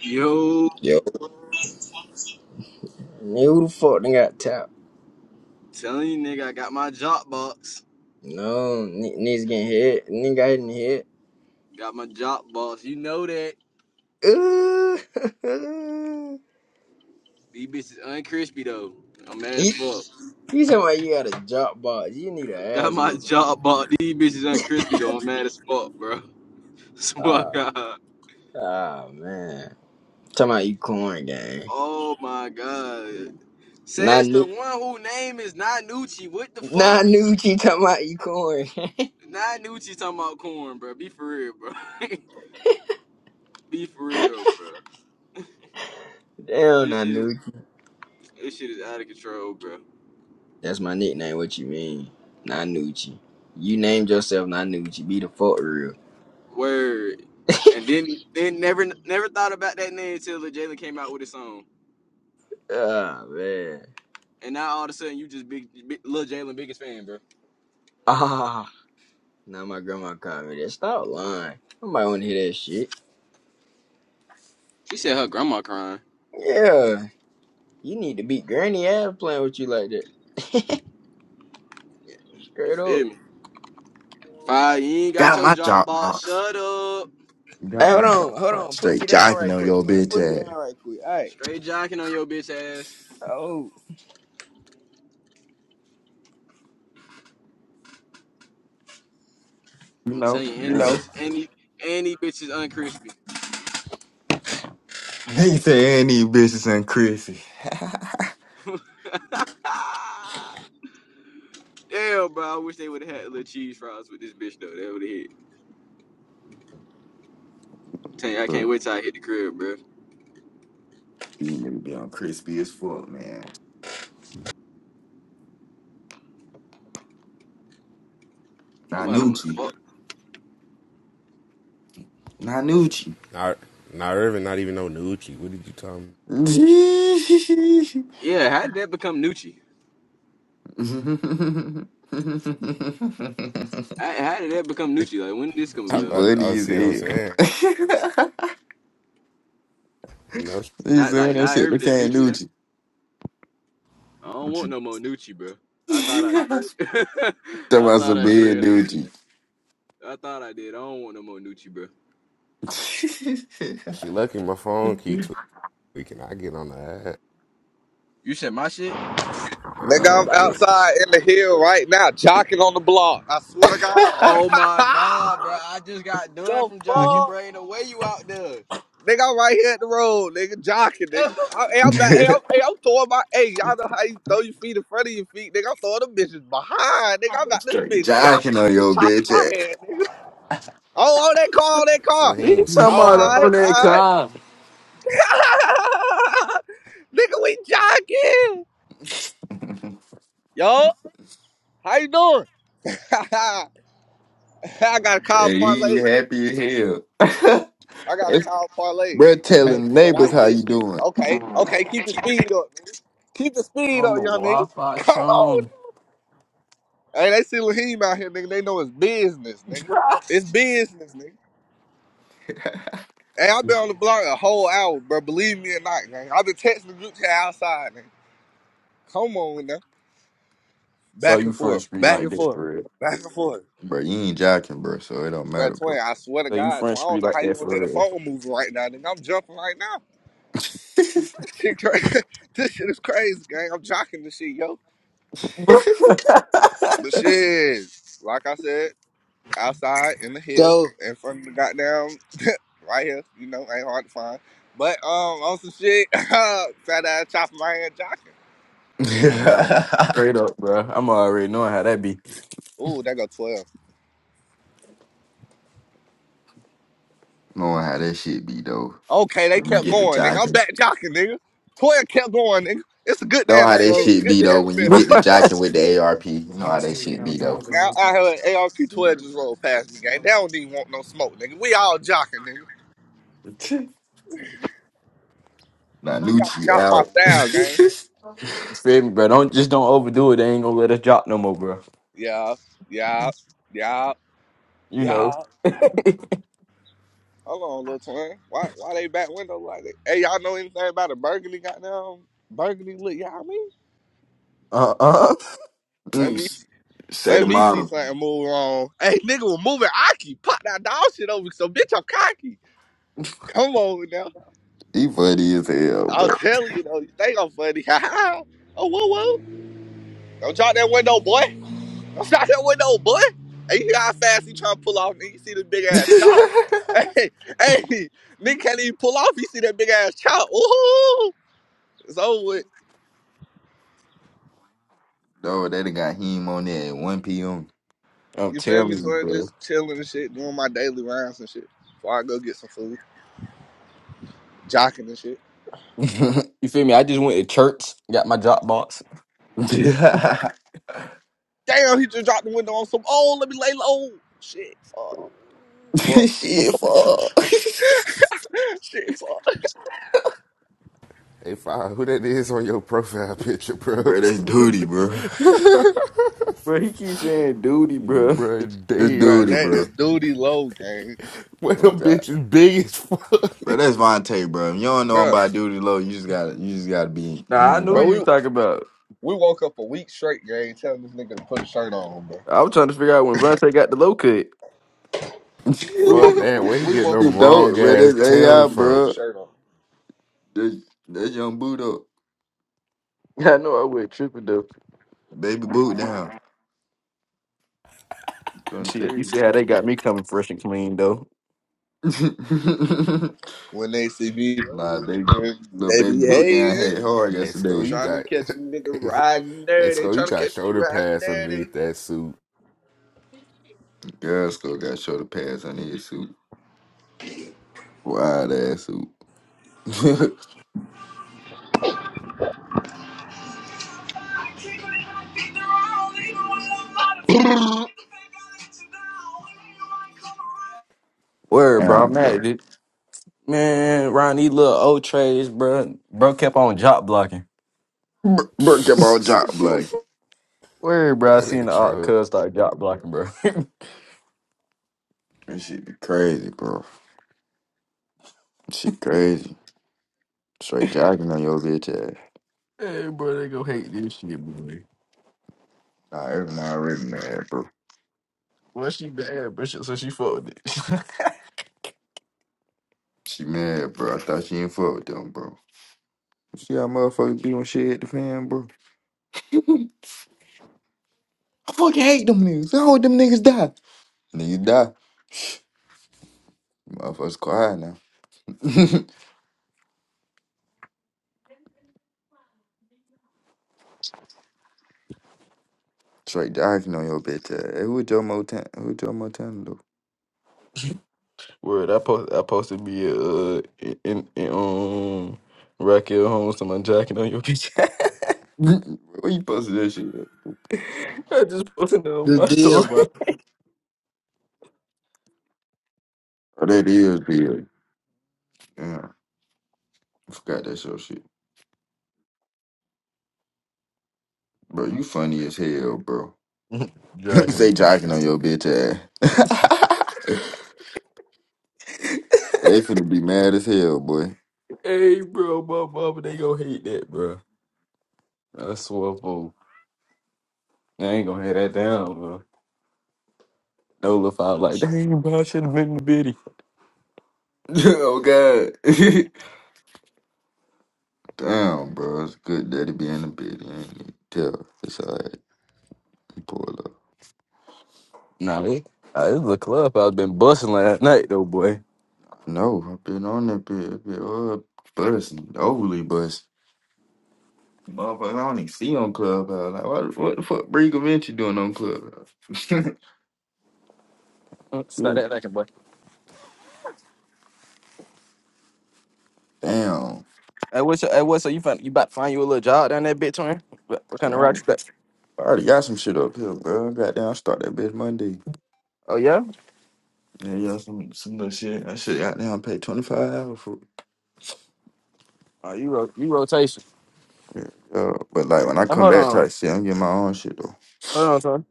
Yo, Yo, nigga, who the fuck nigga got tapped? telling you nigga, I got my job box. No, ni- niggas getting hit. Nigga got hit in the Got my job box. You know that. head. Ooh. These bitches uncrispy though. I'm mad as you fuck. you talking about you got a drop box. You need an Got ass my whooping. job box. These bitches uncrispy though. I'm mad as fuck, bro. Swear to Ah, God. ah, man. Talking about you corn, gang. Oh my god. Not Says new. the one whose name is Nanucci. What the Not fuck? Nucci talking about you corn. Nanucci talking about corn, bro. Be for real, bro. Be for real, bro. Damn, This not shit is Nucci. this shit is out of control, bro. That's my nickname. What you mean? Not Nucci. You named yourself Not Nucci. Be the fuck real. Word. And then then never never thought about that name until Lil Jalen came out with his song. Ah, man. And now all of a sudden you just big, big Lil Jalen biggest fan, bro. Ah. Now my grandma called me that. Stop lying. Nobody want to hear that shit. She said her grandma crying. Yeah, you need to beat Granny ass playing with you like that. Yeah, You Straight up. feel me? Fire, you ain't got Got your my job job box. box. Shut up. Hey, Got my hold job on, hold on. box Put straight me down right jiving on quick, your man. bitch Put me down ass. right quick. All right. Straight jocking on your bitch ass. Oh. You I'm know, telling you, you any know. bitch, any any bitch is uncrispy. They say any bitches and crispy. Damn, bro. I wish they would have had little cheese fries with this bitch though. That would have hit. Tell you, I can't Look, wait till I hit the crib, bro. you nigga be on crispy as fuck, man. Somebody wanna Nanucci. fuck. Nanucci. Not, not even, not even no Nucci. What did you tell me? Yeah, how did that become Nucci? I, how did that become Nucci? Like, when did this come I, she about? I, I funny as see what I'm saying. hell. No, she, you Not see when like that now shit Irving look is at Nucci now. Nucci. I don't want no more Nucci, bro. I thought I did. That I was a thought I bad did. Nucci. I thought I did. I don't want no more Nucci, bro. she lucky my phone keep tweaking. I get on the app. You said my shit. Yeah, Nigga, Uh, nah, I'm for- tw- outside in the hill right now, jocking on the block. I swear to God. Oh my god, bro! I just got done the from sure. jocking, bro. fuck? Ain't no way you out there. Nigga, I'm right here at the road, nigga, jocking, nigga. I, hey, I'm not, hey, I'm, hey, I'm throwing my, hey, y'all know how you throw your feet in front of your feet, nigga. I'm throwing them bitches behind, nigga. I'm got this Straight bitch jocking jocking on with the your top of bitch my hand, nigga. Oh, oh, that car, oh, that car. You Raheem, ass. sit talking Oh, all about down. on right, that all car? right. nigga, we jocking. Yo, how you doing? I got a call And he parlay. happy as hell. I got a It's- cow parlay. Bruh I'm Okay, telling the neighbors white how shit. you doing. Okay, okay, keep the speed up, nigga. Keep the speed up, a young nigga. Wi-Fi Come on. Tron. Hey, they see Laheem out here, nigga. They know it's business, nigga. It's business, nigga. Hey, I've been on the block a whole hour, bro. Believe me or not, gang. I've been texting the group chat outside, nigga. Come on now. so Back you and forth, French be back like and that forth, for real? back and forth. Bro, you ain't jocking, bro, so it don't matter, But twin, bro. I swear to So you God, twin, I French be don't know like how you that gonna hear for the real? phone moving right now, nigga. I'm jumping right now. This shit, cra- this shit is crazy, gang. I'm jocking this shit, yo. But shit, like I said, outside in the hill, Go, in front of the goddamn right here, you know, ain't hard to find. But um, on some shit, fat ass chopping my hand jocking. Exactly. Straight up, bro. I'm already knowing how that be. Ooh, that go twelve. Knowing how that shit be though. Okay, they When you kept get to going, nigga. I'm jocking. back jocking, nigga. Twelve kept going, nigga. It's a good day Know in how the, that go. it's a shit good be day though. in When you America. get to jocking with the ARP, you know how that shit be though. Now I heard ARP twelve just rolled past me, gang. They don't even want no smoke, nigga. We all jocking, nigga. We gotta Nanucci jock my out. style, gang. You Feel me, bro. Don't just don't overdo it. They ain't gonna let us drop no more, bro. Yeah, yeah, yeah, You know. yeah. Hold on, little twin. Why why they back window like that? Hey, y'all know anything about a burgundy goddamn burgundy look, y'all mean? Uh uh Let me Mm, Say the let me see model. something move on. Hey nigga was moving Aki. Pop that dog shit over so bitch I'm cocky. Come on now. He funny as hell, bro. I'll tell you though, they gon' funny. oh whoa whoa. Don't drop that window, boy. Don't drop that window, boy. Hey, you hear how fast he trying to pull off nigga, you see this big ass chop. Hey, hey, nigga can't even pull off, you see that big ass chop. Ooh. It's over with. No, they done got him on there at 1 p.m. I'm You feel telling me? So you, I'm bro. just chilling and shit, doing my daily rounds and shit before I go get some food, jocking and shit. Shit, You feel me? I just went to church, got my drop box. Damn, he just dropped the window on some. Oh, let me lay low. Shit, fuck. Fuck. fuck. Shit, fuck. Hey, five, who that is on your profile picture, bro? bro, that's duty, bro. Bro, he keeps saying duty, bro. bro, that's Bruh, damn. duty, Them, that is bro. duty low, gang. boy, Oh them god. bitches big as fuck. Bro, that's Vontae, bro. If you don't know him Bruh, by duty low, you just gotta you just gotta be you Nah, I knew know. bro, you we was talking about. we woke up a week straight, gang, telling this nigga to put a shirt on, bro. I was trying to figure out when Vontae got the low cut. We fuck woke you up that. a Where he we get woke them up a week long don't, bro. straight ass That's telling AI, Tims duty to put from? a bro. shirt on. That's, that's young boot up. I know I went tripping though. Baby boot down. You Don't tell see, you you. see how they got me coming fresh and clean though. When they see me, nah, baby, little they baby be boot down had hating, it hard Hey, yesterday. Sko, you trying to got. catch a nigga riding Hey, dirty, Sko, you trying to got catch me shoulder riding pads dirty. underneath that suit. Girls still got shoulder pads on his suit. Wide ass suit. Word, bro. I'm Damn, bro. mad, dude. Man, Ron, these little old trades, bro. Bro kept on job blocking. Bur- Break your ball job like Where, bro? I That seen nigga the alt troll. cuz start jock blocking, bro. that shit be crazy, bro. She crazy. Straight jogging on your bitch ass. hey, bro, they gonna hate this shit, boy. Nah, every now already mad, bro. Well, she bad, bro. so she fucked with it. She mad, bro. I thought she ain't fuck with them, bro. You See how motherfuckers be on shit at the fan, bro. I fucking hate them niggas. I hope them niggas die. Niggas die. Motherfuckers quiet now. Straight jogging on your bitch ass. Hey, who your motan? Who your motan? Word, I post, I posted me uh in, in, in um Raquel Holmes to my jacking on your bitch. Where you posted that shit? at? I just posted it on The my deal, story. bro. Oh, that is big. Yeah, I forgot that's your shit, bro. You funny as hell, bro. jacking. Say Bro. jocking on your bitch ass. they finna be mad as hell, boy. hey, bro, my mama, they gonna hate that, bro. I swear, fool. They ain't gonna hate that down, bro. No, look, I was like, dang, bro, I should have been in the video. oh god. Damn, bro. It's good that it be in the bed. You ain't need to tell. It's alright. You Pull up. Nah, they, uh, this is a club I've been busting last night though, boy. I know. I've been on that bed. Been up, busting, overly busting. Motherfucker, I don't even see on Clubhouse. Like, what, what the fuck Brie Vinci doing on Clubhouse? Mm, Yeah. Stop that thinking, boy. Damn. Hey, what's your, hey, what's so you find you about to find you a little job down that bitch, man? What, what Shit, kind I of route already you got? I already got some shit up here, bro. Goddamn, start that bitch Monday. Oh yeah? Yeah, yeah, some some little shit. That shit goddamn pay twenty five hours for Oh, you ro- you rotation. uh, but like when I Hey, come hold back on, type shit, I'm getting my own shit though. hold on, son.